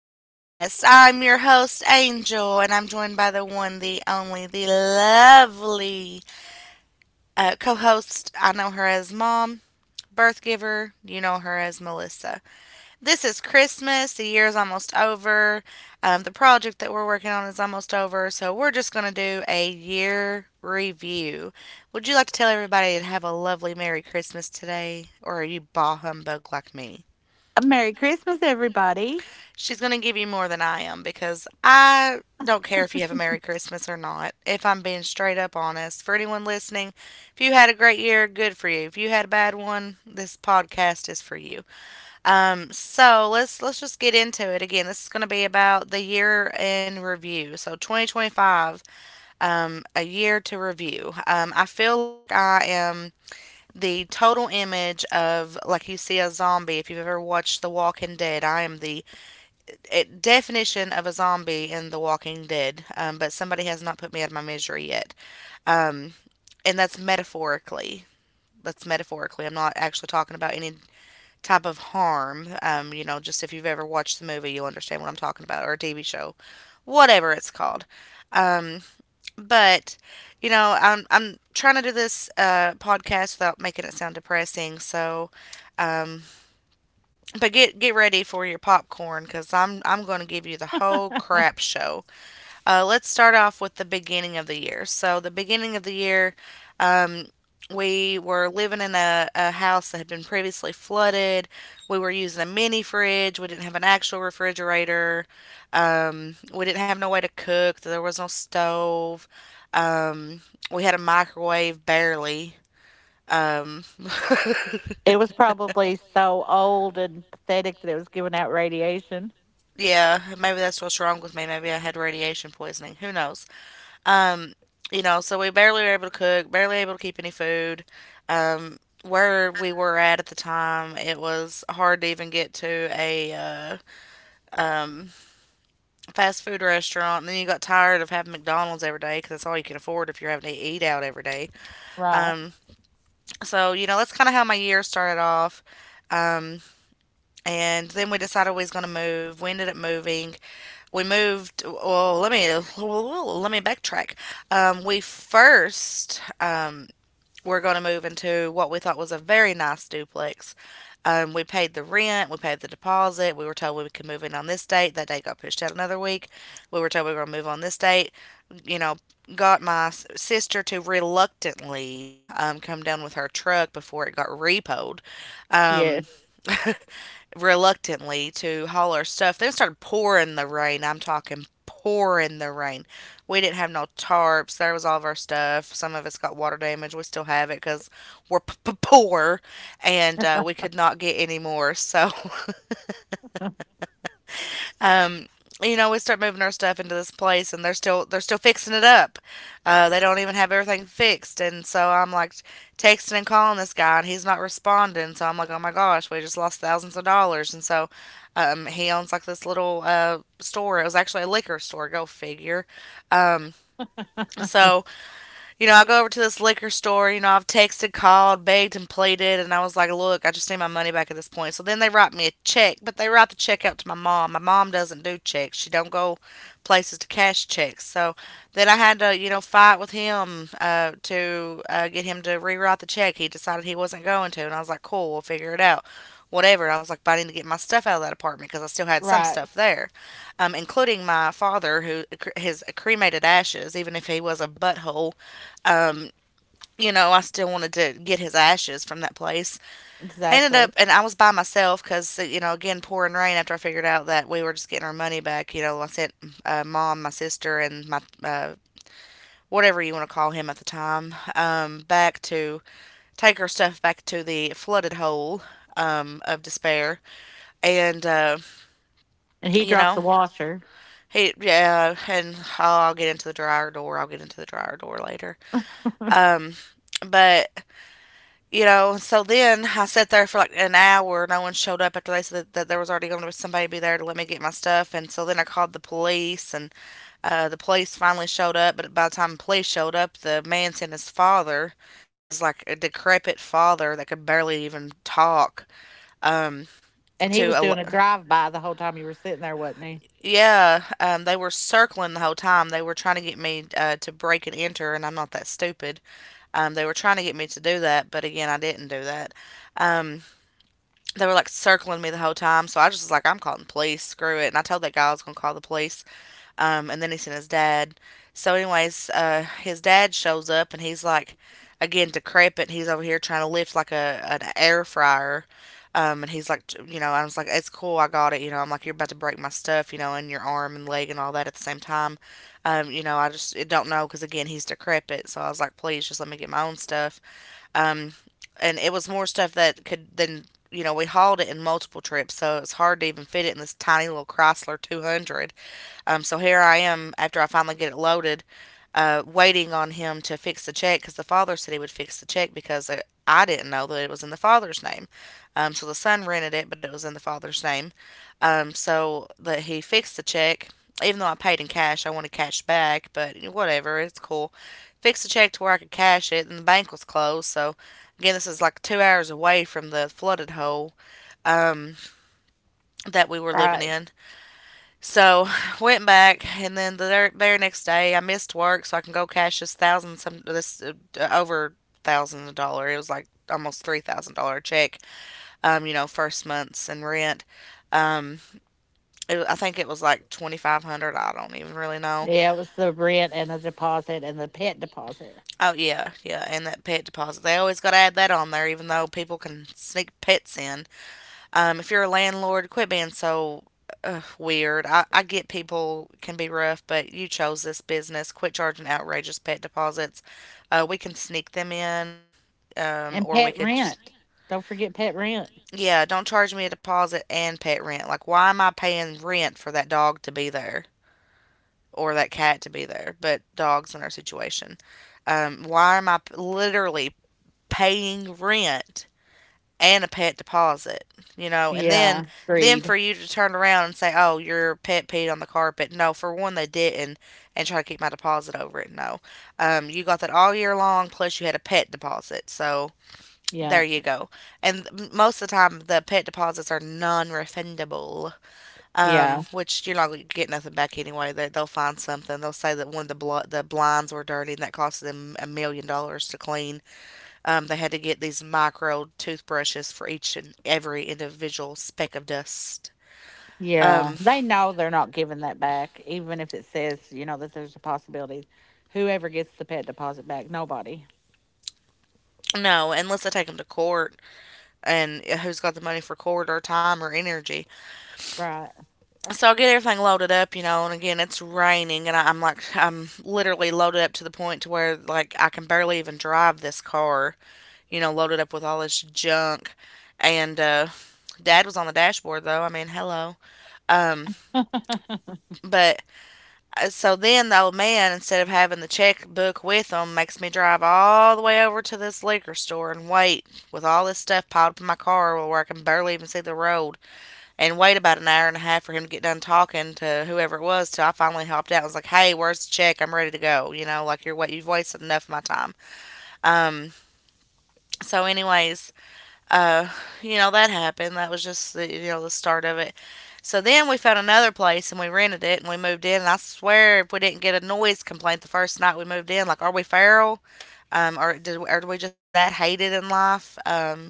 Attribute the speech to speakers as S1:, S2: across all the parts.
S1: Podcast. I'm your host, Angel, and I'm joined by the one, the only, the lovely co host. I know her as Mom, Birth Giver. You know her as Melissa. This is Christmas. The year's almost over. The project that we're working on is almost over, so we're just going to do a year review. Would you like to tell everybody to have a lovely Merry Christmas today? Or are you bah humbug like me?
S2: Merry Christmas, everybody.
S1: She's going to give you more than I am because I don't care if you have a Merry Christmas or not, if I'm being straight up honest. For anyone listening, if you had a great year, good for you. If you had a bad one, this podcast is for you. So let's just get into it. Again, this is going to be about the year in review. So 2025, a year to review. I feel like I am the total image of, like, you see a zombie if you've ever watched The Walking Dead. I am the a definition of a zombie in The Walking Dead, but somebody has not put me out of my misery yet. Um, and that's metaphorically. That's metaphorically. I'm not actually talking about any type of harm. You know, just if you've ever watched the movie, you'll understand what I'm talking about, or a TV show, whatever it's called. Um, but You know, I'm trying to do this podcast without making it sound depressing. So, um, but get ready for your popcorn because I'm going to give you the whole crap show. Let's start off with the beginning of the year. So, the beginning of the year, um, we were living in a house that had been previously flooded. We were using a mini fridge. We didn't have an actual refrigerator. We didn't have no way to cook. There was no stove. Um, we had a microwave barely. Um,
S2: It was probably so old and pathetic that it was giving out radiation.
S1: yeah, maybe that's what's wrong with me. Maybe I had radiation poisoning. Who knows? Um, you know, so we barely were able to cook, barely able to keep any food. Where we were at the time, it was hard to even get to a um, fast food restaurant. And then you got tired of having McDonald's every day because that's all you can afford if you're having to eat out every day.
S2: Right.
S1: Um, so, you know, that's kind of how my year started off. Um, and then we decided we was gonna move. We ended up moving. We moved. Well, let me backtrack. Um, we first um, we're going to move into what we thought was a very nice duplex. We paid the rent, we paid the deposit. We were told we could move in on this date. That date got pushed out another week. We were told we were going to move on this date. You know, got my sister to reluctantly come down with her truck before it got repoed um,
S2: Yes.
S1: reluctantly to haul our stuff. Then it started pouring the rain. I'm talking pouring the rain. We didn't have no tarps. There was all of our stuff. Some of us got water damage. We still have it because we're poor and we could not get any more. So Um, you know, we start moving our stuff into this place, and they're still fixing it up. They don't even have everything fixed, and so I'm like texting and calling this guy, and he's not responding. So I'm like, oh my gosh, we just lost thousands of dollars. And so, he owns like this little store. It was actually a liquor store. Go figure. Um, so, you know, I go over to this liquor store. You know, I've texted, called, begged, and pleaded, and I was like, "Look, I just need my money back at this point." So then they write me a check, but they write the check out to my mom. My mom doesn't do checks; she don't go places to cash checks. So then I had to, you know, fight with him to get him to rewrite the check. He decided he wasn't going to, and I was like, "Cool, we'll figure it out." Whatever. And I was like, but I need to get my stuff out of that apartment because I still had some
S2: Right.
S1: stuff there, including my father, who his cremated ashes. Even if he was a butthole, um, you know, I still wanted to get his ashes from that place. I ended up,
S2: Exactly.
S1: and I was by myself because, you know, again, pouring rain after I figured out that we were just getting our money back. You know, I sent mom, my sister, and my whatever you want to call him at the time back to take her stuff back to the flooded hole of despair. And,
S2: And he
S1: you
S2: dropped
S1: know,
S2: the washer.
S1: yeah, and I'll get into the dryer door. I'll get into the dryer door later. Um, but You know, so then I sat there for like an hour. No one showed up after they said that there was already going to be somebody be there to let me get my stuff. And so then I called the police, and the police finally showed up. But by the time the police showed up, the man and his father, his like a decrepit father that could barely even talk, um,
S2: And he
S1: to
S2: was
S1: a
S2: doing a drive by the whole time you were sitting there, wasn't he?
S1: yeah, they were circling the whole time. They were trying to get me to break and enter, and I'm not that stupid. They were trying to get me to do that, but again, I didn't do that. Um, they were like circling me the whole time. So I just was like, I'm calling the police. Screw it. And I told that guy I was going to call the police. And then he sent his dad. So, anyways, his dad shows up and he's like, again, decrepit. And He's over here trying to lift like a an air fryer. And he's like, you know, I was like, it's cool, I got it. You know, I'm like, you're about to break my stuff, you know, in your arm and leg and all that at the same time. You know, I just it don't know because again, he's decrepit. So I was like, please just let me get my own stuff. Um, and it was more stuff that could then you know we hauled it in multiple trips, so it was hard to even fit it in this tiny little Chrysler 200. So, here I am after I finally get it loaded, waiting on him to fix the check because the father said he would fix the check because I didn't know that it was in the father's name. So, the son rented it, but it was in the father's name. So, that he fixed the check even though I paid in cash, I wanted cash back, but whatever, it's cool fixed a check to where I could cash it, and the bank was closed. So, again, this is like 2 hours away from the flooded hole um, that we were living
S2: Right.
S1: in. So, went back, and then next day, I missed work so I can go cash this over thousand dollar. It was like almost $3,000 check. You know, first months and rent. Um, I think it was like 2,500. I don't even really know.
S2: Yeah, it was the rent and the deposit and the pet deposit
S1: Oh yeah, yeah, and that pet deposit. They always got to add that on there, even though people can sneak pets in. If you're a landlord, quit being so weird. I get people can be rough, but you chose this business. Quit charging outrageous pet deposits. We can sneak them in,
S2: and
S1: or we
S2: pet
S1: could just
S2: rent. Don't forget pet rent.
S1: yeah, don't charge me a deposit and pet rent. Like, why am I paying rent for that dog to be there or that cat to be there? But dogs in our situation. Why am I literally paying rent and a pet deposit. And then
S2: Yeah.
S1: then
S2: Greed.
S1: for you to turn around and say, oh, your pet peed on the carpet. No, for one, they didn't, and try to keep my deposit over it. No, you got that all year long plus you had a pet deposit, so there
S2: Yeah.
S1: you go. And most of the time the pet deposits are non-refundable,
S2: Yeah.
S1: which you're not going to get nothing back anyway. They'll find something. They'll say that one of the blinds were dirty and that cost them a million dollars to clean. They had to get these micro toothbrushes for each and every individual speck of dust.
S2: Yeah,
S1: Um,
S2: they know they're not giving that back, even if it says, that there's a possibility. Whoever gets the pet deposit back, nobody.
S1: no, unless they take them to court, and who's got the money for court or time or energy?
S2: Right.
S1: So I get everything loaded up, you know. And again, it's raining, and I'm like, I'm literally loaded up to the point to where like I can barely even drive this car, you know, loaded up with all this junk. And Dad was on the dashboard though. I mean, hello. Um, but So then the old man, instead of having the checkbook with him, makes me drive all the way over to this liquor store and wait with all this stuff piled up in my car where I can barely even see the road and wait about an hour and a half for him to get done talking to whoever it was till I finally hopped out. I was like, hey, where's the check? I'm ready to go. You know, like you're what you've wasted enough of my time. Um, so anyways, uh, you know, that happened. That was just the the start of it. So then we found another place and we rented it and we moved in. And I swear, if we didn't get a noise complaint the first night we moved in, like, are we feral? Or are we just that hated in life? Um,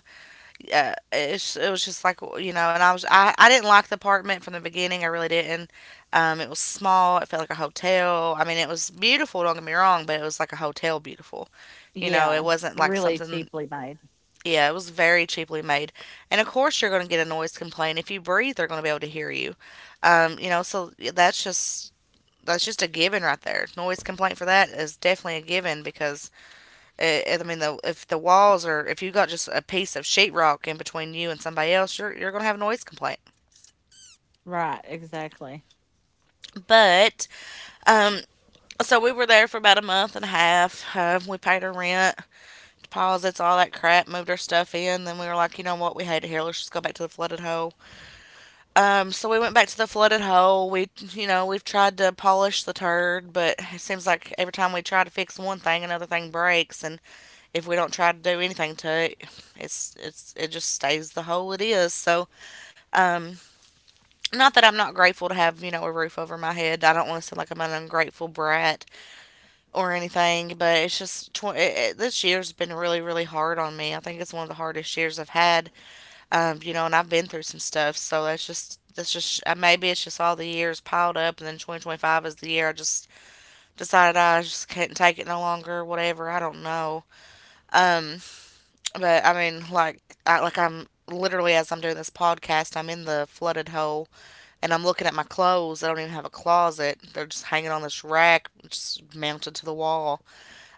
S1: uh, It's, it was just like, you know. And I was I didn't like the apartment from the beginning. I really didn't. It was small. It felt like a hotel. I mean, it was beautiful. Don't get me wrong, but it was like a hotel beautiful. You know, it
S2: Yeah,
S1: wasn't like
S2: really
S1: something.
S2: cheaply made.
S1: Yeah, it was very cheaply made. And of course, you're going to get a noise complaint. If you breathe, they're going to be able to hear you. You know, so yeah, that's just a given right there. Noise complaint for that is definitely a given because I mean, if the walls are, if you got just a piece of sheetrock in between you and somebody else, you're going to have a noise complaint.
S2: Right, exactly.
S1: But um, so we were there for about a month and a half. We paid our rent, deposits, all that crap, moved our stuff in. Then we were like, you know what, we hate it here. Let's just go back to the flooded hole. So we went back to the flooded hole. We, you know, we've tried to polish the turd, but it seems like every time we try to fix one thing, another thing breaks. And if we don't try to do anything to it, it's it just stays the hole it is. So, um, not that I'm not grateful to have, you know, a roof over my head. I don't want to sound like I'm an ungrateful brat or anything, but it's just this year's been really really hard on me. I think it's one of the hardest years I've had, you know, and I've been through some stuff, so that's just maybe it's just all the years piled up, and then 2025 is the year I just decided I just couldn't take it no longer, whatever. I don't know. Um, but I mean, like, like I'm literally as I'm doing this podcast, I'm in the flooded hole, and I'm looking at my clothes. I don't even have a closet; they're just hanging on this rack, just mounted to the wall.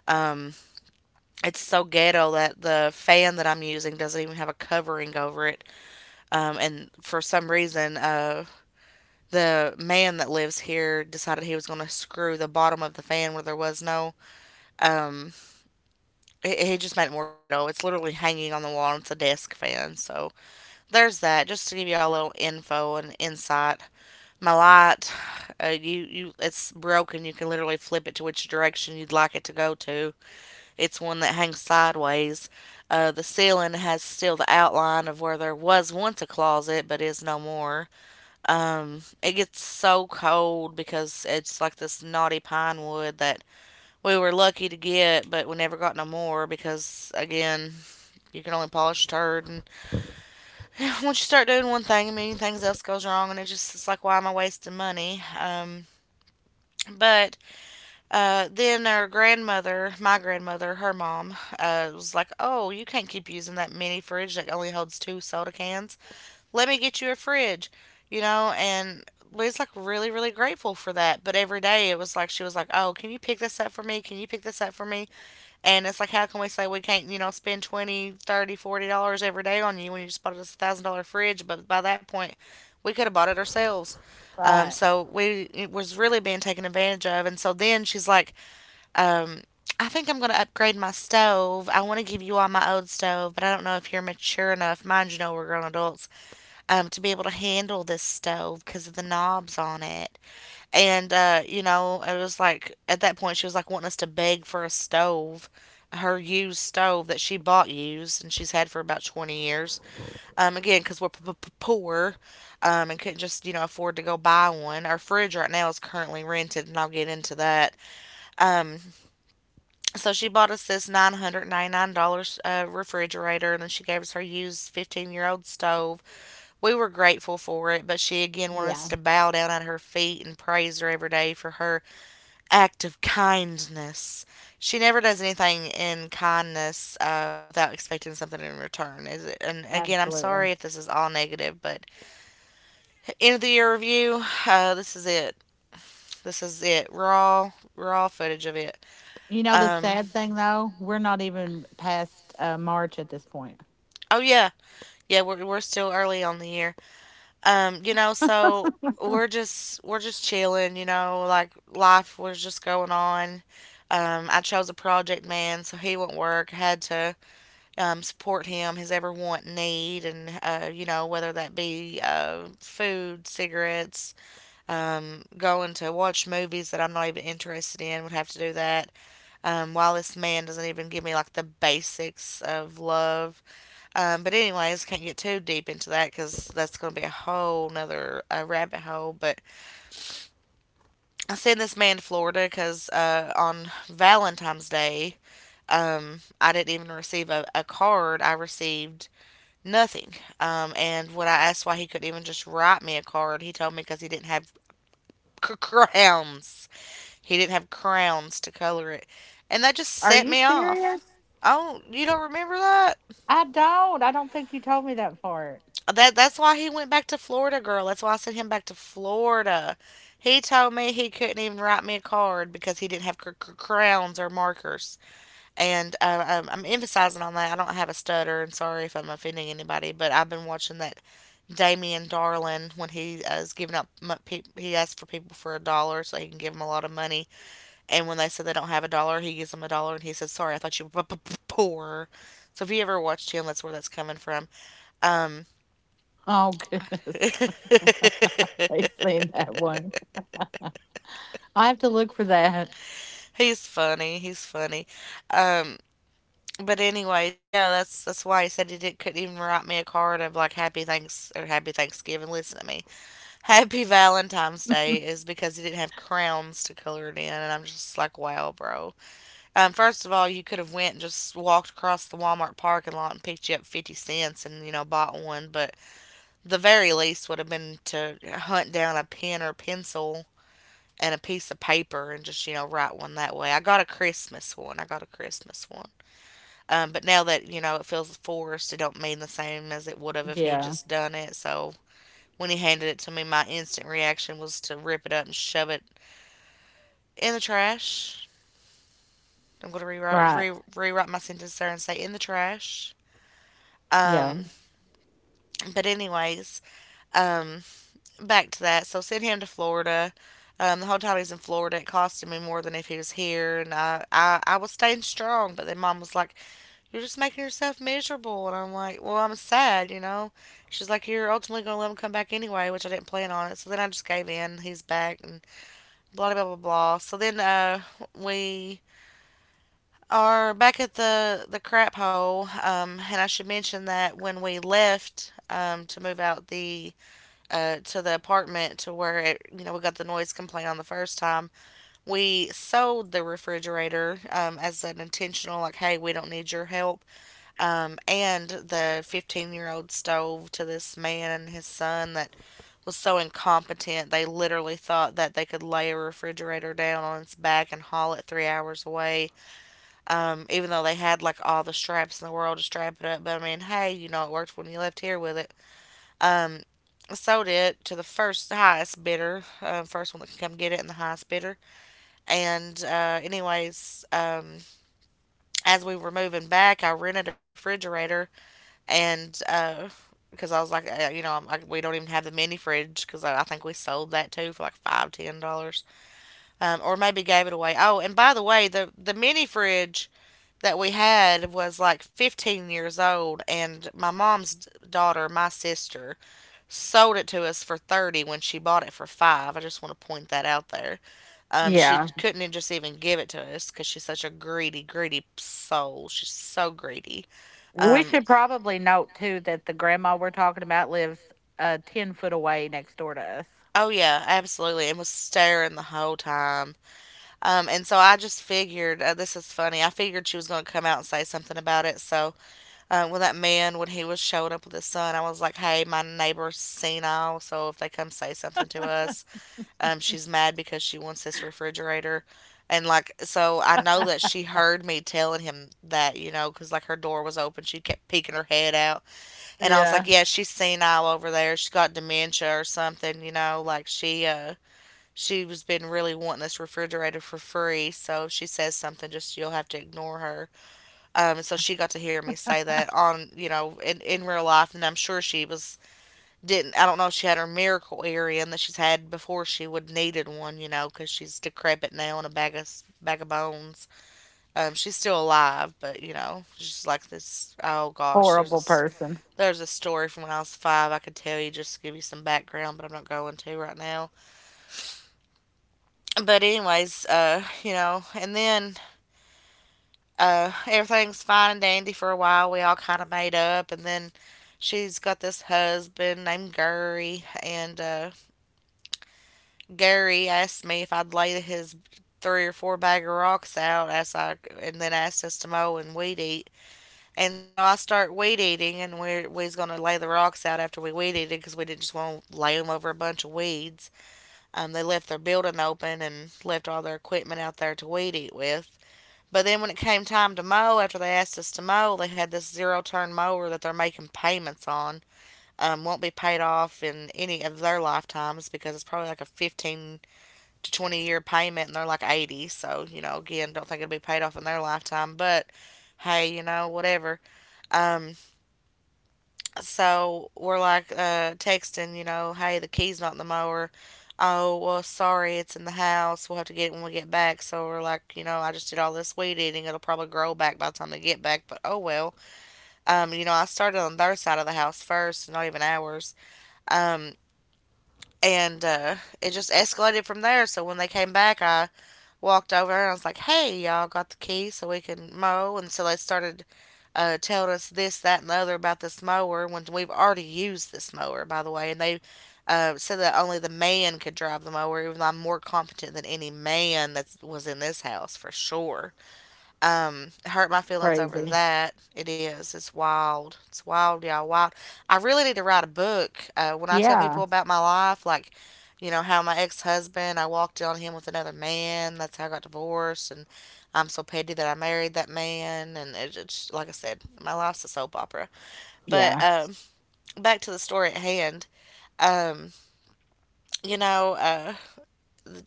S1: Um, it's so ghetto that the fan that I'm using doesn't even have a covering over it. And for some reason, the man that lives here decided he was going to screw the bottom of the fan where there was no. Um, he just made it more ghetto. It's literally hanging on the wall. And it's a desk fan. So there's that. Just to give y'all a little info and insight. My light, it's broken. You can literally flip it to which direction you'd like it to go to. It's one that hangs sideways. The ceiling has still the outline of where there was once a closet, but is no more. It gets so cold because it's like this knotty pine wood that we were lucky to get, but we never got no more because, again, you can only polish turd. And once you start doing one thing, a million things else goes wrong, and it just it's like, why am I wasting money? But Uh, then our grandmother, my grandmother, her mom, was like, oh, you can't keep using that mini fridge that only holds two soda cans. Let me get you a fridge, you know. And Lee's like really, really grateful for that. But every day it was like she was like, oh, can you pick this up for me? Can you pick this up for me? And it's like, how can we say we can't, you know, spend 20, 30, $40 every day on you when you just bought us a $1,000 fridge? But by that point, we could have bought it ourselves.
S2: Right.
S1: So we it was really being taken advantage of. And so then she's like, um, I think I'm going to upgrade my stove. I want to give you all my old stove, but I don't know if you're mature enough. Mind you know, we're grown adults, to be able to handle this stove because of the knobs on it. And, you know, it was like, at that point, she was like wanting us to beg for a stove, her used stove that she bought used and she's had for about 20 years. Again, because we're poor, and couldn't just, you know, afford to go buy one. Our fridge right now is currently rented, and I'll get into that. Um, so she bought us this $999 refrigerator, and then she gave us her used 15-year-old stove. We were grateful for it, but she again wanted us
S2: Yeah,
S1: to bow down at her feet and praise her every day for her act of kindness. She never does anything in kindness without expecting something in return. Is it, and again, I'm
S2: absolutely.
S1: sorry if this is all negative, but end of the year review. This is it. This is it. Raw, footage of it.
S2: You know, the
S1: Um.
S2: sad thing though, we're not even past March at this point.
S1: Oh yeah, yeah. We're still early on the year. You know, so we're just chilling, you know, like life was just going on. I chose a project man, so he wouldn't work. Had to, support him, his every want and need, and you know, whether that be food, cigarettes, going to watch movies that I'm not even interested in. Would have to do that. While this man doesn't even give me like the basics of love, but anyways, can't get too deep into that because that's going to be a whole nother rabbit hole. But I sent this man to Florida because on Valentine's Day, I didn't even receive a card. I received nothing. And when I asked why he couldn't even just write me a card, he told me because he didn't have crowns. He didn't have crowns to color it, and that just
S2: Are
S1: set
S2: you
S1: me off.
S2: serious?
S1: Oh, you don't remember that?
S2: I don't. I don't think you told me that part.
S1: That that's why he went back to Florida, girl. That's why I sent him back to Florida. He told me he couldn't even write me a card because he didn't have crowns or markers. And I'm emphasizing on that. I don't have a stutter, and sorry if I'm offending anybody, but I've been watching that Damien Darlin when he is giving up. He asks for people for a dollar so he can give them a lot of money. And when they said they don't have a dollar, he gives them a dollar, and he says, "Sorry, I thought you were poor." So if you ever watched him, that's where that's coming from. Um.
S2: Oh, goodness. I've seen that one. I have to look for that.
S1: He's funny. He's funny. Um, but anyways, yeah, that's why he said he couldn't even write me a card of like Happy Thanks or Happy Thanksgiving. Listen to me, Happy Valentine's Day, is because he didn't have crowns to color it in, and I'm just like, wow, bro. First of all, you could have went and just walked across the Walmart parking lot and picked you up 50 cents and bought one, but the very least would have been to hunt down a pen or pencil and a piece of paper and just write one that way. I got a Christmas one. I got a Christmas one. But now that it feels forced, it don't mean the same as it would have if he had
S2: Yeah.
S1: just done it. So when he handed it to me, my instant reaction was to rip it up and shove it in the trash. I'm gonna rewrite
S2: Right.
S1: rewrite my sentence there and say in the trash.
S2: Yeah.
S1: Um, but anyways, um, back to that. So send him to Florida. The whole time he's in Florida, it costed me more than if he was here, and I was staying strong. But then mom was like, "You're just making yourself miserable," and I'm like, "Well, I'm sad, you know." She's like, "You're ultimately gonna let him come back anyway," which I didn't plan on it. So then I just gave in. He's back, and blah blah blah blah. So then we are back at the crap hole, and I should mention that when we left to move out the to the apartment to where it, you know, we got the noise complaint on the first time. We sold the refrigerator as an intentional, like, hey, we don't need your help. And the 15-year-old stove to this man and his son that was so incompetent, they literally thought that they could lay a refrigerator down on its back and haul it 3 hours away, even though they had like all the straps in the world to strap it up. But I mean, hey, you know, it worked when you left here with it. Um, Sold it to the first highest bidder, first one that could come get it, and the highest bidder. And anyways, as we were moving back, I rented a refrigerator, and because I was like, you know, we don't even have the mini fridge because I think we sold that too for like five, $10, or maybe gave it away. Oh, and by the way, the mini fridge that we had was like 15 years old and my mom's daughter my sister sold it to us for 30 when she bought it for 5. I just want to point that out there. She
S2: Yeah.
S1: couldn't just even give it to us cuz she's such a greedy soul. She's so greedy.
S2: We
S1: Um
S2: should probably note too that the grandma we're talking about lives 10 foot away next door to us.
S1: Oh yeah, absolutely, and was staring the whole time. And so I just figured this is funny. I figured she was gonna come out and say something about it. So when that man, when he was showing up with his son, I was like, "Hey, my neighbor's senile, so if they come say something to us, she's mad because she wants this refrigerator." And like, so I know that she heard me telling him that, you know, because like her door was open. She kept peeking her head out. And I was
S2: Yeah.
S1: like, yeah, she's senile over there. She's got dementia or something, you know, like she was been really wanting this refrigerator for free. So if she says something, just you'll have to ignore her. And so she got to hear me say that on, you know, in real life. And I'm sure she was didn't I don't know if she had her miracle area and that she's had before she would needed one, you know because she's decrepit now and a bag of bones. She's still alive, but you know, she's like this. Oh gosh, there's
S2: Horrible person.
S1: there's a story from when I was five I could tell you just to give you some background, but I'm not going to right now. But anyways, you know, and then everything's fine and dandy for a while. We all kind of made up, and then she's got this husband named Gary, and Gary asked me if I'd laid his three or four bag of rocks out as I and then asked us to mow and weed eat. And so I start weed eating, and we's gonna lay the rocks out after we weed eated because we didn't just want to lay them over a bunch of weeds. They left their building open and left all their equipment out there to weed eat with. But then when it came time to mow, after they asked us to mow, they had this zero turn mower that they're making payments on. Won't be paid off in any of their lifetimes because it's probably like a 15 20-year payment and they're like 80. So, you know, again, don't think it'll be paid off in their lifetime, but hey, you know, whatever. Um, so we're like texting, you know, hey, the key's not in the mower. Oh, well, sorry, it's in the house. We'll have to get it when we get back. So we're like, you know, I just did all this weed eating. It'll probably grow back by the time they get back, but oh well. You know, I started on their side of the house first, not even ours. Um, and it just escalated from there. So when they came back, I walked over and I was like, hey, y'all got the key so we can mow. And so they started telling us this, that, and the other about this mower when we've already used this mower, by the way. And they said that only the man could drive the mower, even though I'm more competent than any man that was in this house for sure. It hurt my feelings over
S2: Crazy.
S1: that. It is. It's wild. It's wild, y'all. Wild. I really need to write a book. When I tell
S2: Yeah.
S1: people about my life, like, you know, how my ex husband, I walked in on him with another man. That's how I got divorced. And I'm so petty that I married that man. And it's just, like I said, my life's a soap opera. But
S2: Yeah.
S1: back to the story at hand. Um, you know, uh,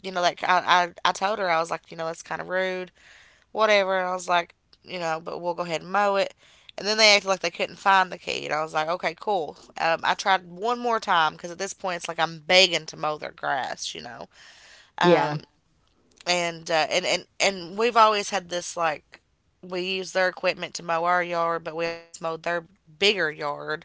S1: you know, like I told her, I was like, you know, that's kind of rude whatever. And I was like, you know, but we'll go ahead and mow it. And then they acted like they couldn't find the key. And I was like, okay, cool. I tried one more time because at this point it's like I'm begging to mow their grass, you know.
S2: Yeah.
S1: Um, and we've always had this like we use their equipment to mow our yard, but we always mowed their bigger yard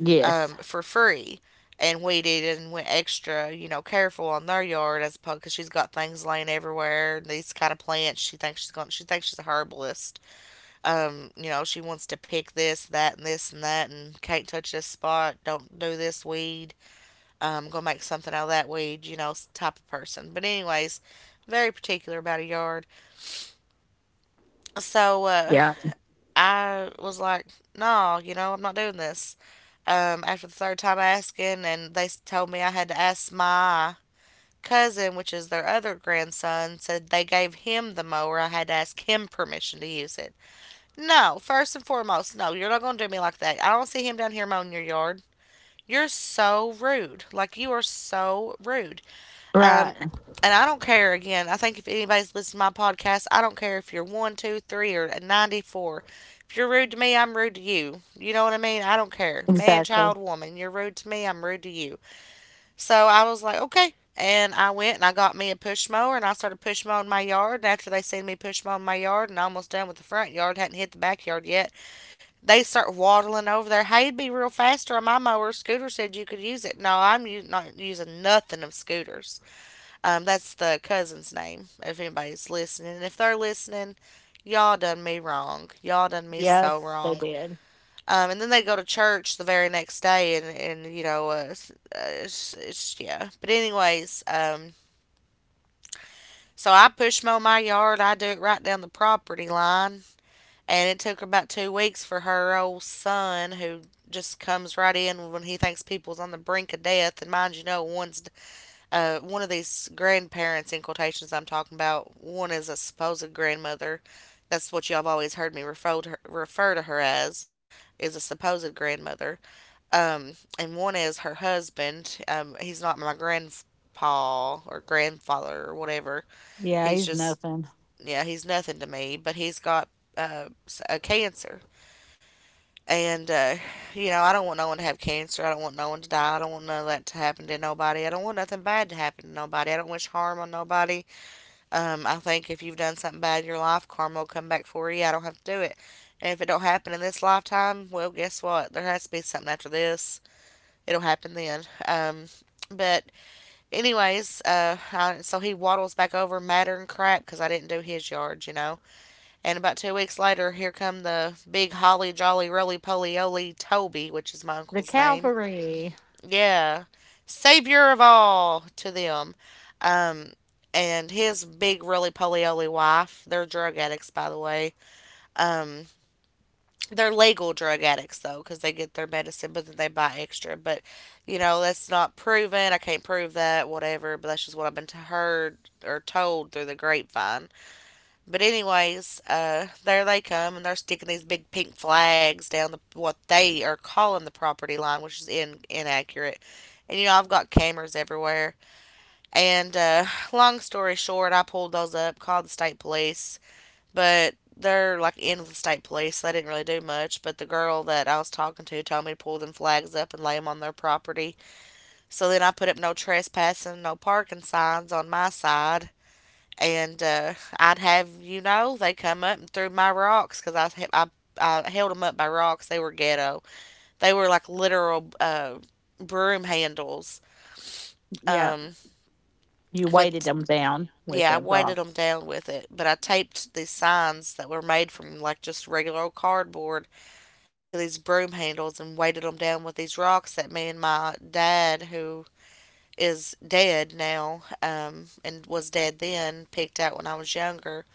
S2: Yes.
S1: for free and weeded and went extra, you know, careful on their yard as opposed because she's got things laying everywhere. These kind of plants, she thinks she's going. She thinks she's a herbalist, you know, she wants to pick this, that, and this, and that, and can't touch this spot, don't do this weed, gonna make something out of that weed, you know, type of person. But, anyways, very particular about a yard. So,
S2: Yeah.
S1: I was like, no, you know, I'm not doing this. After the third time asking, and they told me I had to ask my cousin, which is their other grandson, said they gave him the mower. I had to ask him permission to use it. No, first and foremost, no, you're not going to do me like that. I don't see him down here mowing your yard. You're so rude. Like, you are so rude. Um,
S2: Right.
S1: and I don't care, again, I think if anybody's listening to my podcast, I don't care if you're one, two, three, or 94. If you're rude to me, I'm rude to you. You know what I mean? I don't care. Man,
S2: Exactly.
S1: child, woman, you're rude to me, I'm rude to you. So I was like, okay. And I went and I got me a push mower and I started push mowing my yard. And after they seen me push mowing my yard and almost done with the front yard, hadn't hit the backyard yet, they start waddling over there. Hey, would be real faster on my mower. Scooter said you could use it. No, I'm not using nothing of Scooter's. That's the cousin's name, if anybody's listening. If they're listening, y'all done me wrong. Y'all done me so
S2: Yes, they
S1: wrong.
S2: did.
S1: And then they go to church the very next day, and you know, yeah. But, anyways, so I push mow my yard. I do it right down the property line. And it took about 2 weeks for her old son, who just comes right in when he thinks people's on the brink of death. And mind you, know one's one of these grandparents in quotations I'm talking about. One is a supposed grandmother. That's what y'all have always heard me refer to her as, is a supposed grandmother. Um, and one is her husband. He's not my grandpa or grandfather or whatever.
S2: Yeah,
S1: He's
S2: he's
S1: just
S2: nothing.
S1: Yeah, he's nothing to me. But he's got uh, a cancer and you know, I don't want no one to have cancer. I don't want no one to die. I don't want none of that to happen to nobody. I don't want nothing bad to happen to nobody. I don't wish harm on nobody. I think if you've done something bad in your life, karma will come back for you. I don't have to do it. And if it don't happen in this lifetime, well, guess what? There has to be something after this. It'll happen then. Um, but so he waddles back over madder and crap because I didn't do his yard, you know. And about 2 weeks later, here come the big holly jolly roly poly oly Toby, which is my
S2: The
S1: uncle's name.
S2: cavalry.
S1: Yeah, savior of all to them. Um, and his big roly poly oly wife, they're drug addicts, by the way. Um, they're legal drug addicts, though, because they get their medicine, but then they buy extra. But, you know, that's not proven. I can't prove that, whatever. But that's just what heard or told through the grapevine. But anyways, there they come, and they're sticking these big pink flags down the what they are calling the property line, which is inaccurate. And you know I've got cameras everywhere. And Long story short, I pulled those up, called the state police, but they're like in with the state police. They didn't really do much. But the girl that I was talking to told me to pull them flags up and lay them on their property. So then I put up no trespassing, no parking signs on my side, and I'd have you know they come up and threw my rocks because I, he- I held them up by rocks. They were ghetto. They were like literal broom handles.
S2: Yeah.
S1: Um,
S2: You weighted
S1: with
S2: them down with
S1: Yeah, I
S2: the
S1: weighted them
S2: rocks.
S1: down with it, but I taped these signs that were made from like just regular old cardboard to these broom handles and weighted them down with these rocks that me and my dad, who is dead now, and was dead then, picked out when I was younger.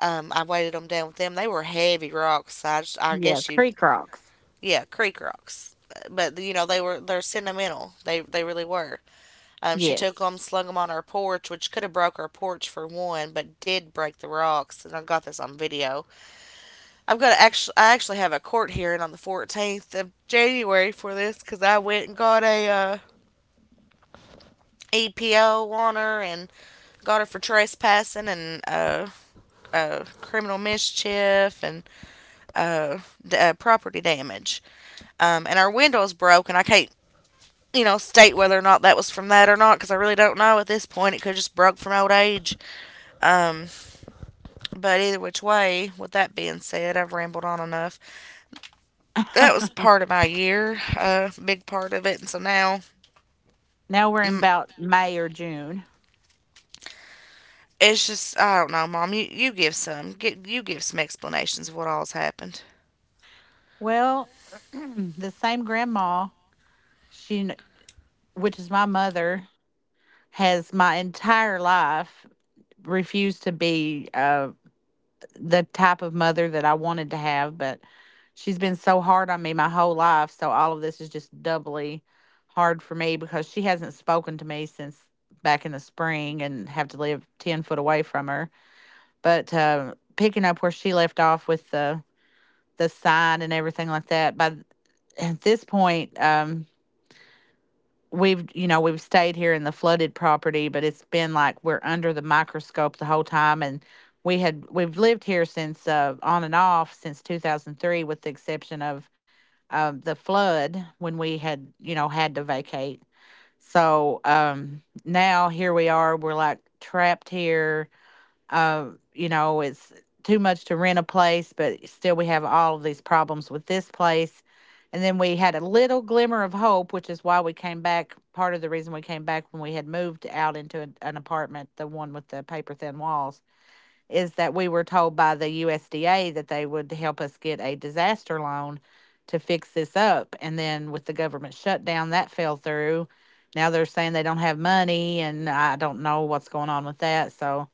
S1: I weighted them down with them. They were heavy rocks. So I, just, I
S2: Yeah.
S1: guess you,
S2: Creek rocks.
S1: yeah, creek rocks. But you know they were they're sentimental. They really were. She took
S2: Yes.
S1: them, slung them on her porch, which could have broke her porch for one, but did break the rocks. And I got this on video. I actually have a court hearing on the 14th of January for this because I went and got a EPO on her and got her for trespassing and criminal mischief and uh, property damage. And our window's broke, and I can't, you know, state whether or not that was from that or not because I really don't know at this point. It could have just broke from old age. Um, but either which way, with that being said, I've rambled on enough. That was part of my year, a big part of it, and so now.
S2: Now we're in
S1: mm,
S2: about May or June.
S1: It's just I don't know, Mom. You give some, get you give some explanations of what all's happened,
S2: Well, the same grandma, she, kn- which is my mother, has my entire life refused to be the type of mother that I wanted to have, but she's been so hard on me my whole life. So all of this is just doubly hard for me because she hasn't spoken to me since back in the spring and have to live 10 foot away from her. But picking up where she left off with the sign and everything like that, at this point, we've you know we've stayed here in the flooded property, but it's been like we're under the microscope the whole time. And we've lived here since on and off since 2003, with the exception of the flood when we had you know had to vacate. So now here we are, we're like trapped here. uh, you know, it's too much to rent a place, but still we have all of these problems with this place. And then we had a little glimmer of hope, which is why we came back. Part of the reason we came back, when we had moved out into an apartment, the one with the paper thin walls, is that we were told by the USDA that they would help us get a disaster loan to fix this up. And then with the government shutdown, that fell through. Now they're saying they don't have money, and I don't know what's going on with that. So,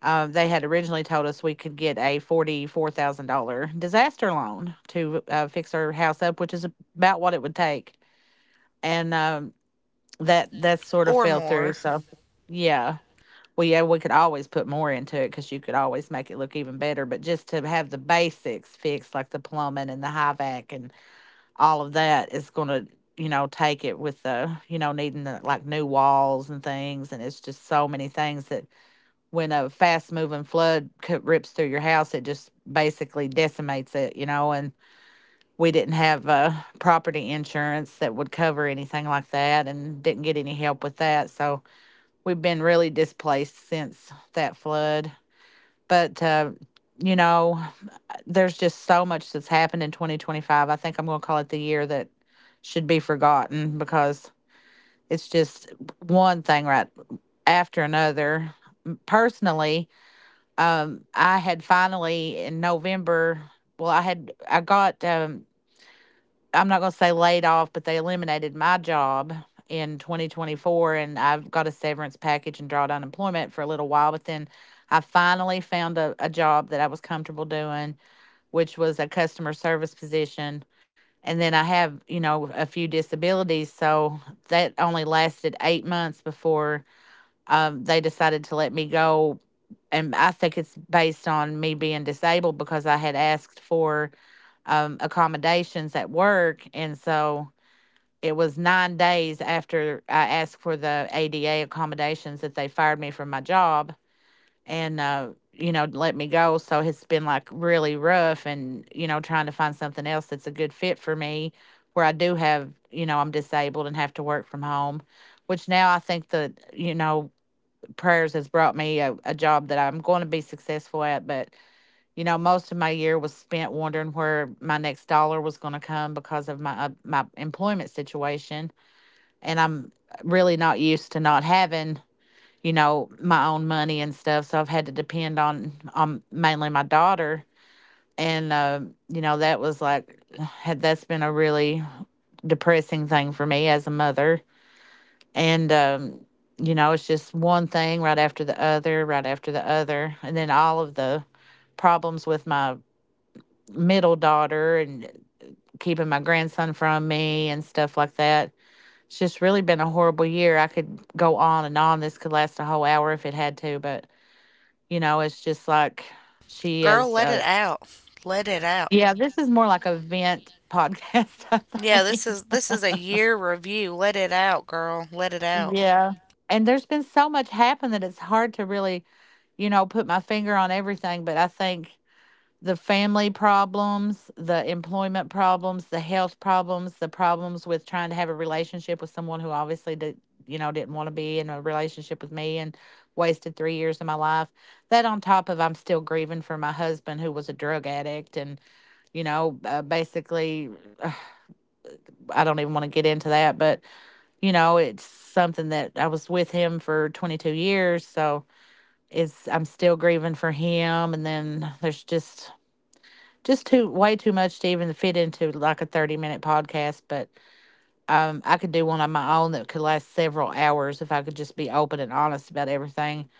S2: they had originally told us we could get a $44,000 disaster loan to fix our house up, which is about what it would take. And that sort of
S1: or
S2: fell through.
S1: more.
S2: So, yeah. Well, yeah, we could always put more into it because you could always make it look even better. But just to have the basics fixed, like the plumbing and the high vac and all of that, is going to, you know, take it with the, you know, needing the, like, new walls and things. And it's just so many things that when a fast moving flood rips through your house, it just basically decimates it, you know. And we didn't have property insurance that would cover anything like that, and didn't get any help with that. So we've been really displaced since that flood. But, you know, there's just so much that's happened in 2025. I think I'm going to call it the year that should be forgotten because it's just one thing right after another. Personally, I had finally in November. Well, I got I'm not going to say laid off, but they eliminated my job in 2024, and I've got a severance package and drawed employment for a little while. But then I finally found a job that I was comfortable doing, which was a customer service position. And then I have, you know, a few disabilities, so that only lasted 8 months before they decided to let me go. And I think it's based on me being disabled because I had asked for accommodations at work. And so it was 9 days after I asked for the ADA accommodations that they fired me from my job and, you know, let me go. So it's been like really rough, and, you know, trying to find something else that's a good fit for me where I do have, you know, I'm disabled and have to work from home, which now I think that, you know, prayers has brought me a job that I'm going to be successful at. But, you know, most of my year was spent wondering where my next dollar was going to come because of my my employment situation. And I'm really not used to not having, you know, my own money and stuff. So I've had to depend on mainly my daughter. And, you know, that was like, had that's been a really depressing thing for me as a mother. And you know, it's just one thing right after the other, right after the other, and then all of the problems with my middle daughter and keeping my grandson from me and stuff like that. It's just really been a horrible year. I could go on and on. This could last a whole hour if it had to, but you know, it's just like she
S1: Girl,
S2: is.
S1: let it out. Let it out.
S2: Yeah, this is more like a vent podcast. I
S1: Yeah,
S2: think
S1: this is this is a year review. Let it out, girl. Let it out.
S2: Yeah. And there's been so much happen that it's hard to really, you know, put my finger on everything, but I think the family problems, the employment problems, the health problems, the problems with trying to have a relationship with someone who obviously you know, didn't want to be in a relationship with me, and wasted 3 years of my life. That on top of, I'm still grieving for my husband, who was a drug addict and, you know, basically, uh, I don't even want to get into that, but, you know, it's something that I was with him for 22 years. So, is I'm still grieving for him, and then there's just too way too much to even fit into like a 30-minute minute podcast. But I could do one on my own that could last several hours if I could just be open and honest about everything,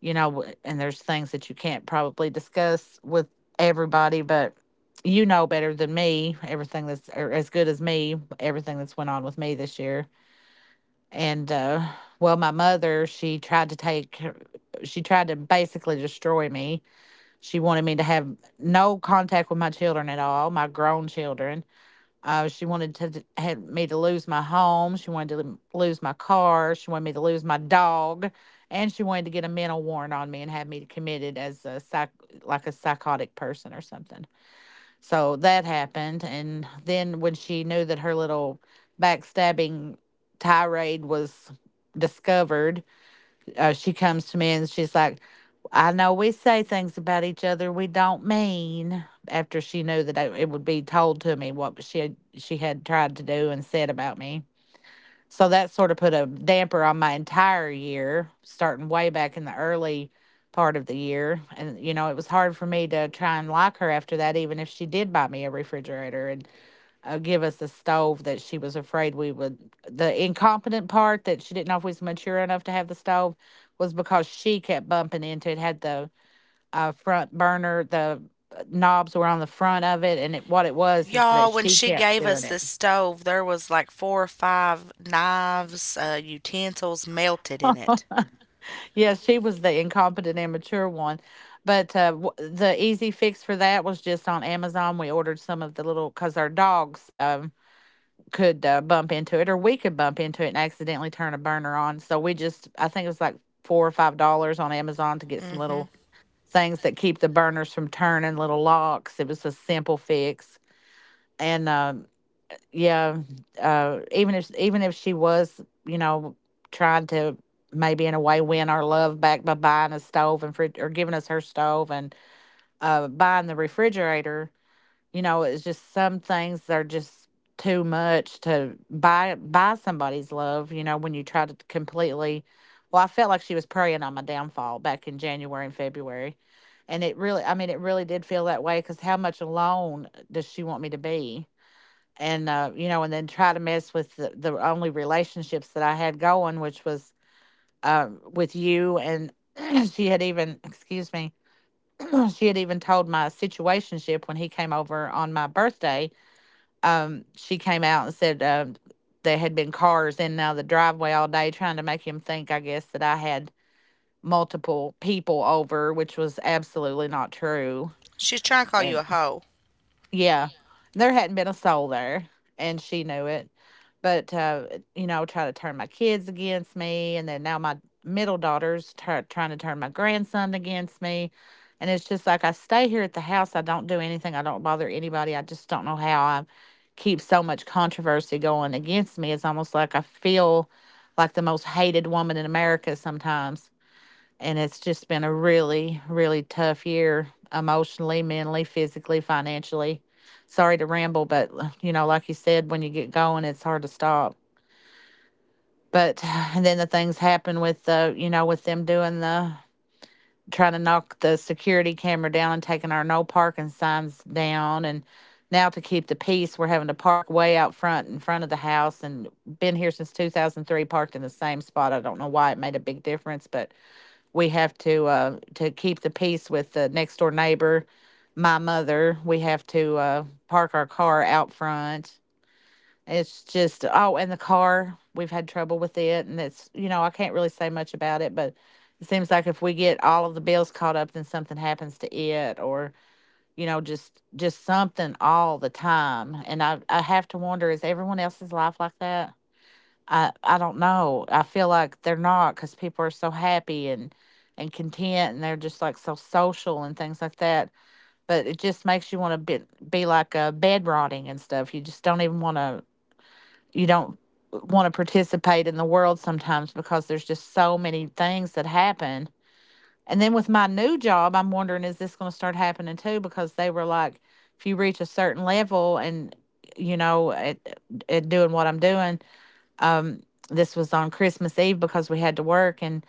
S2: you know. And there's things that you can't probably discuss with everybody, but you know better than me everything that's, or as good as me, everything that's went on with me this year. And well, my mother, she tried to basically destroy me. She wanted me to have no contact with my children at all, my grown children. She wanted to had me to lose my home. She wanted to lose my car. She wanted me to lose my dog, and she wanted to get a mental warrant on me and have me committed as a psych, like a psychotic person or something. So that happened, and then when she knew that her little backstabbing tirade was discovered, she comes to me and she's like, I know we say things about each other we don't mean. After she knew that it would be told to me what she had tried to do and said about me. So that sort of put a damper on my entire year, starting way back in the early part of the year. And, you know, it was hard for me to try and like her after that, even if she did buy me a refrigerator. And give us a stove that she was afraid we would. The incompetent part that she didn't know if we was mature enough to have the stove was because she kept bumping into it. Had the front burner, the knobs were on the front of it, and what it was is that
S1: Y'all, when
S2: she
S1: she
S2: kept
S1: gave us
S2: doing it.
S1: this stove, there was like four or five knives, utensils melted in it.
S2: Yeah, she was the incompetent, immature one. But the easy fix for that was just on Amazon. We ordered some of the little, because our dogs. Could bump into it, or we could bump into it and accidentally turn a burner on. So we just, I think it was like $4 or $5 on Amazon to get some
S1: Hmm.
S2: little things that keep the burners from turning, little locks. It was a simple fix. And yeah, even if she was, you know, trying to maybe in a way win our love back by buying a stove and fridge, or giving us her stove and buying the refrigerator. You know, it's just some things are just too much to buy somebody's love, you know, when you try to completely, well, I felt like she was preying on my downfall back in January and February. And it really, I mean, it really did feel that way, because how much alone does she want me to be? And, you know, and then try to mess with the only relationships that I had going, which was with you. And she had even, excuse me, she had even told my situationship when he came over on my birthday, she came out and said, there had been cars in and out of the driveway all day, trying to make him think, I guess, that I had multiple people over, which was absolutely not true.
S1: She's trying to call you a
S2: And.
S1: hoe.
S2: Yeah. There hadn't been a soul there, and she knew it. But, you know, I would try to turn my kids against me. And then now my middle daughter's trying to turn my grandson against me. And it's just like, I stay here at the house. I don't do anything. I don't bother anybody. I just don't know how I keep so much controversy going against me. It's almost like I feel like the most hated woman in America sometimes, and it's just been a really really tough year, emotionally, mentally, physically, financially. Sorry to ramble, but you know, like you said, when you get going, it's hard to stop. But and then the things happen with the, you know, with them doing the, trying to knock the security camera down, and taking our no parking signs down. And now, to keep the peace, we're having to park way out front, in front of the house, and been here since 2003, parked in the same spot. I don't know why it made a big difference. But we have to, to keep the peace with the next door neighbor, my mother, we have to park our car out front. It's just, oh, and the car, we've had trouble with it, and it's, you know, I can't really say much about it, but it seems like, if we get all of the bills caught up, then something happens to it, or, you know, just something all the time. And I have to wonder, is everyone else's life like that? I don't know. I feel like they're not, because people are so happy and content, and they're just like so social and things like that. But it just makes you want to be like a bed rotting and stuff. You just don't even want to. You don't want to participate in the world sometimes, because there's just so many things that happen. And then with my new job, I'm wondering, is this going to start happening too? Because they were like, if you reach a certain level and, you know, at doing what I'm doing, um, this was on Christmas Eve, because we had to work. And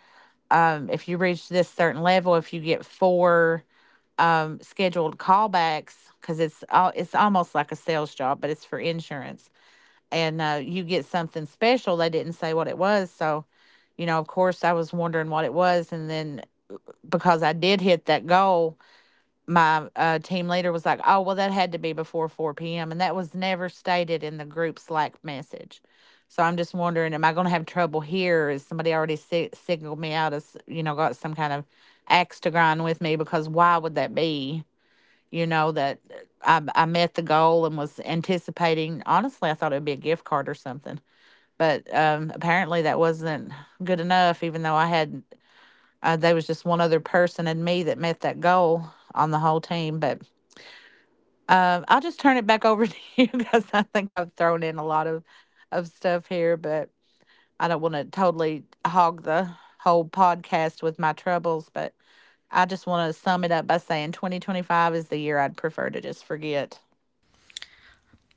S2: if you reach this certain level, if you get four scheduled callbacks, because it's it's almost like a sales job, but it's for insurance, and you get something special. They didn't say what it was, so, you know, of course, I was wondering what it was, and then, because I did hit that goal, my team leader was like, "Oh, well, that had to be before 4 p.m.," and that was never stated in the group Slack message. So I'm just wondering, am I going to have trouble here? Is somebody already signaled me out as, you know, got some kind of axe to grind with me? Because why would that be? You know that I met the goal and was anticipating. Honestly, I thought it would be a gift card or something, but apparently that wasn't good enough. Even though I had, there was just one other person and me that met that goal on the whole team, but I'll just turn it back over to you because I think I've thrown in a lot of stuff here, but I don't want to totally hog the whole podcast with my troubles. But I just want to sum it up by saying 2025 is the year I'd prefer to just forget.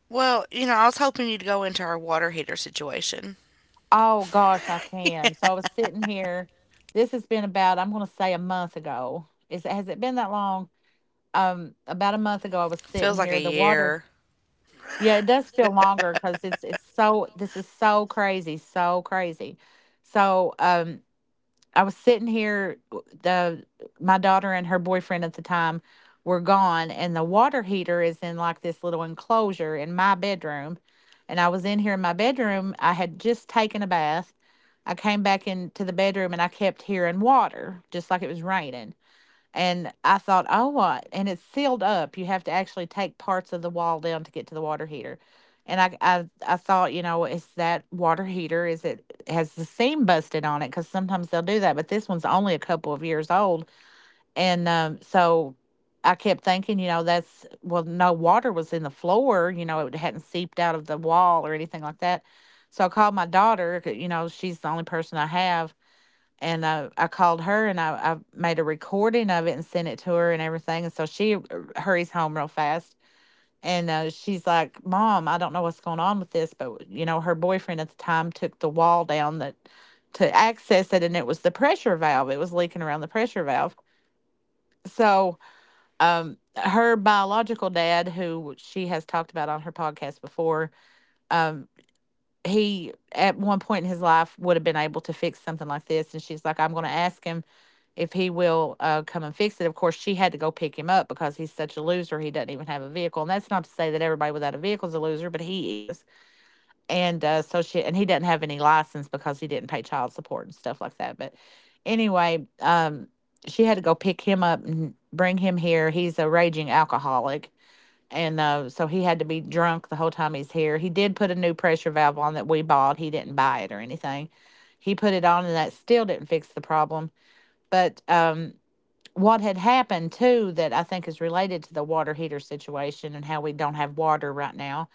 S1: Well, you know, I was hoping you'd go into our water heater situation.
S2: Oh gosh, I can. So I was sitting here. This has been about, I'm going to say, a month ago. Is it, has it been that long? About a month ago, I was
S1: Feels
S2: sitting
S1: like a
S2: here. The water.
S1: year.
S2: Yeah, it does feel longer, because it's so, this is so crazy, so crazy. So I was sitting here, the, my daughter and her boyfriend at the time were gone, and the water heater is in like this little enclosure in my bedroom. And I was in here in my bedroom. I had just taken a bath. I came back into the bedroom, and I kept hearing water, just like it was raining. And I thought, oh, what? And it's sealed up. You have to actually take parts of the wall down to get to the water heater. And I thought, you know, is that water heater? Is it, has the seam busted on it? Because sometimes they'll do that. But this one's only a couple of years old, and so I kept thinking, you know, that's, well, no water was in the floor. You know, it hadn't seeped out of the wall or anything like that. So I called my daughter. You know, she's the only person I have, and I called her, and I made a recording of it and sent it to her and everything. And so she hurries home real fast. And she's like, Mom, I don't know what's going on with this. But, you know, her boyfriend at the time took the wall down that to access it. And it was the pressure valve, it was leaking around the pressure valve. So, her biological dad, who she has talked about on her podcast before, um, he at one point in his life would have been able to fix something like this, and she's like, I'm going to ask him if he will come and fix it. Of course she had to go pick him up, because he's such a loser, he doesn't even have a vehicle, and that's not to say that everybody without a vehicle is a loser, but he is. And so she, and he doesn't have any license because he didn't pay child support and stuff like that. But anyway, she had to go pick him up and bring him here. He's a raging alcoholic, and so he had to be drunk the whole time he's here. He did put a new pressure valve on that we bought. He didn't buy it or anything. He put it on, and that still didn't fix the problem. But what had happened too, that I think is related to the water heater situation and how we don't have water right now,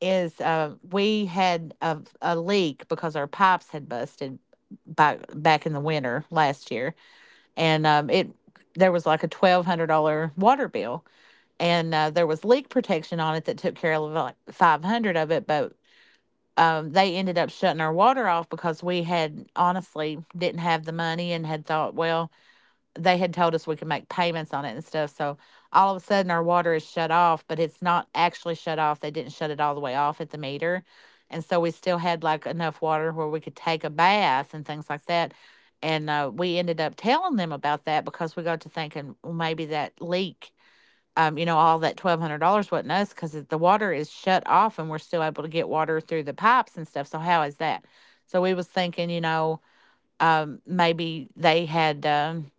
S2: is we had a leak, because our pipes had busted back in the winter last year, and it, there was like a $1,200 water bill, and there was leak protection on it that took care of like 500 of it, but they ended up shutting our water off, because we had honestly didn't have the money, and had thought, well, they had told us we could make payments on it and stuff. So all of a sudden our water is shut off, but it's not actually shut off. They didn't shut it all the way off at the meter. And so we still had like enough water where we could take a bath and things like that. And we ended up telling them about that, because we got to thinking, well, maybe that leak, you know, all that $1,200 wasn't us, because the water is shut off and we're still able to get water through the pipes and stuff. So how is that? So we was thinking, you know, maybe they had,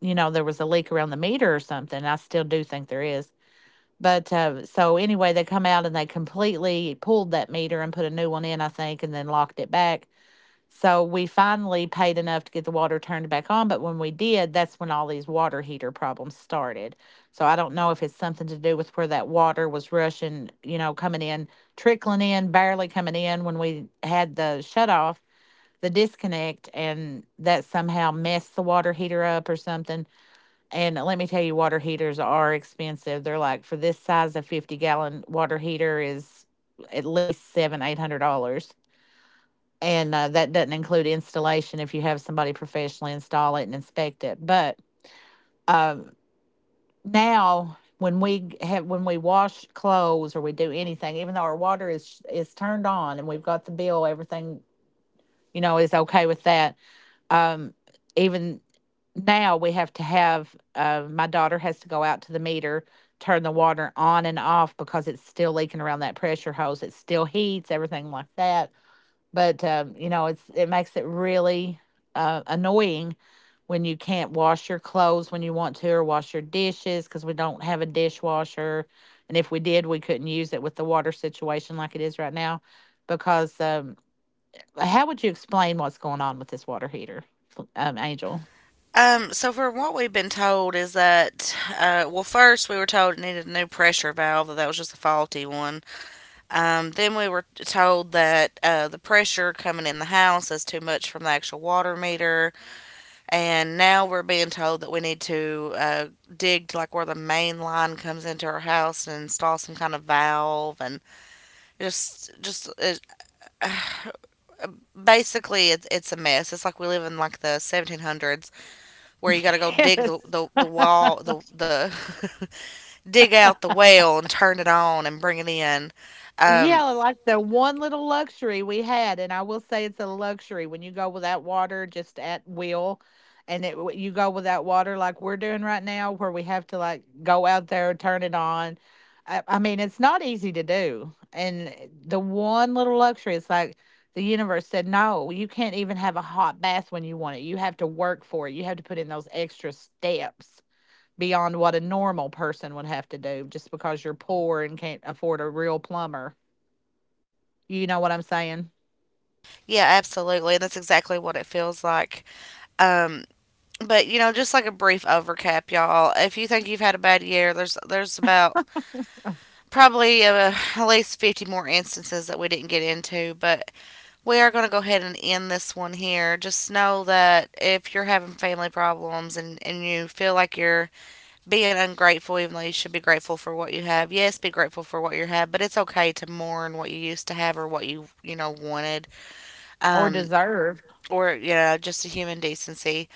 S2: you know, there was a leak around the meter or something. I still do think there is. But so anyway, they come out and they completely pulled that meter and put a new one in, I think, and then locked it back. So we finally paid enough to get the water turned back on, but when we did, that's when all these water heater problems started. So I don't know if it's something to do with where that water was rushing, you know, coming in, trickling in, barely coming in when we had the shut off, the disconnect, and that somehow messed the water heater up or something. And let me tell you, water heaters are expensive. They're like, for this size, a 50-gallon water heater is at least seven, $800, and that doesn't include installation if you have somebody professionally install it and inspect it. But um, now, when we have, when we wash clothes or we do anything, even though our water is turned on and we've got the bill, everything, you know, is okay with that. Um, Even now, we have to have, my daughter has to go out to the meter, turn the water on and off, because it's still leaking around that pressure hose. It still heats, everything like that, but you know, it makes it really annoying when you can't wash your clothes when you want to, or wash your dishes because we don't have a dishwasher, and if we did we couldn't use it with the water situation like it is right now, because how would you explain what's going on with this water heater, angel?
S1: So for what we've been told is that, well, first we were told it needed a new pressure valve, that that was just a faulty one. Then we were told that the pressure coming in the house is too much from the actual water meter. And now we're being told that we need to dig to like where the main line comes into our house and install some kind of valve, and just just it, basically it's a mess. It's like we live in like the 1700s, where you got to go dig the,
S2: Yes.
S1: the, the wall the, the dig out the well and turn it on and bring it in. um,
S2: Yeah, like the one little luxury we had, and I will say it's a luxury, when you go without water just at will, and it, you go without water like we're doing right now, where we have to, like, go out there, turn it on. I mean, it's not easy to do, and the one little luxury, it's like the universe said, no, you can't even have a hot bath when you want it. You have to work for it. You have to put in those extra steps beyond what a normal person would have to do, just because you're poor and can't afford a real plumber, you know what I'm saying?
S1: yeah, absolutely, and that's exactly what it feels like. Um, but you know, just like a brief overcap, y'all, if you think you've had a bad year, there's about probably at least 50 more instances that we didn't get into, but we are going to go ahead and end this one here. Just know that if you're having family problems, and you feel like you're being ungrateful, even though you should be grateful for what you have, yes, be grateful for what you have, but it's okay to mourn what you used to have or what you know, wanted.
S2: Or
S1: Um,
S2: deserve.
S1: or you know, just a human decency.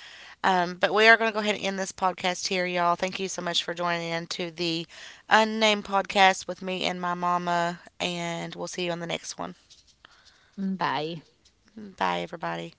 S1: But we are going to go ahead and end this podcast here, y'all. Thank you so much for joining in to the Unnamed Podcast with me and my mama. And we'll see you on the next one.
S2: Mm, bye.
S1: Bye, everybody.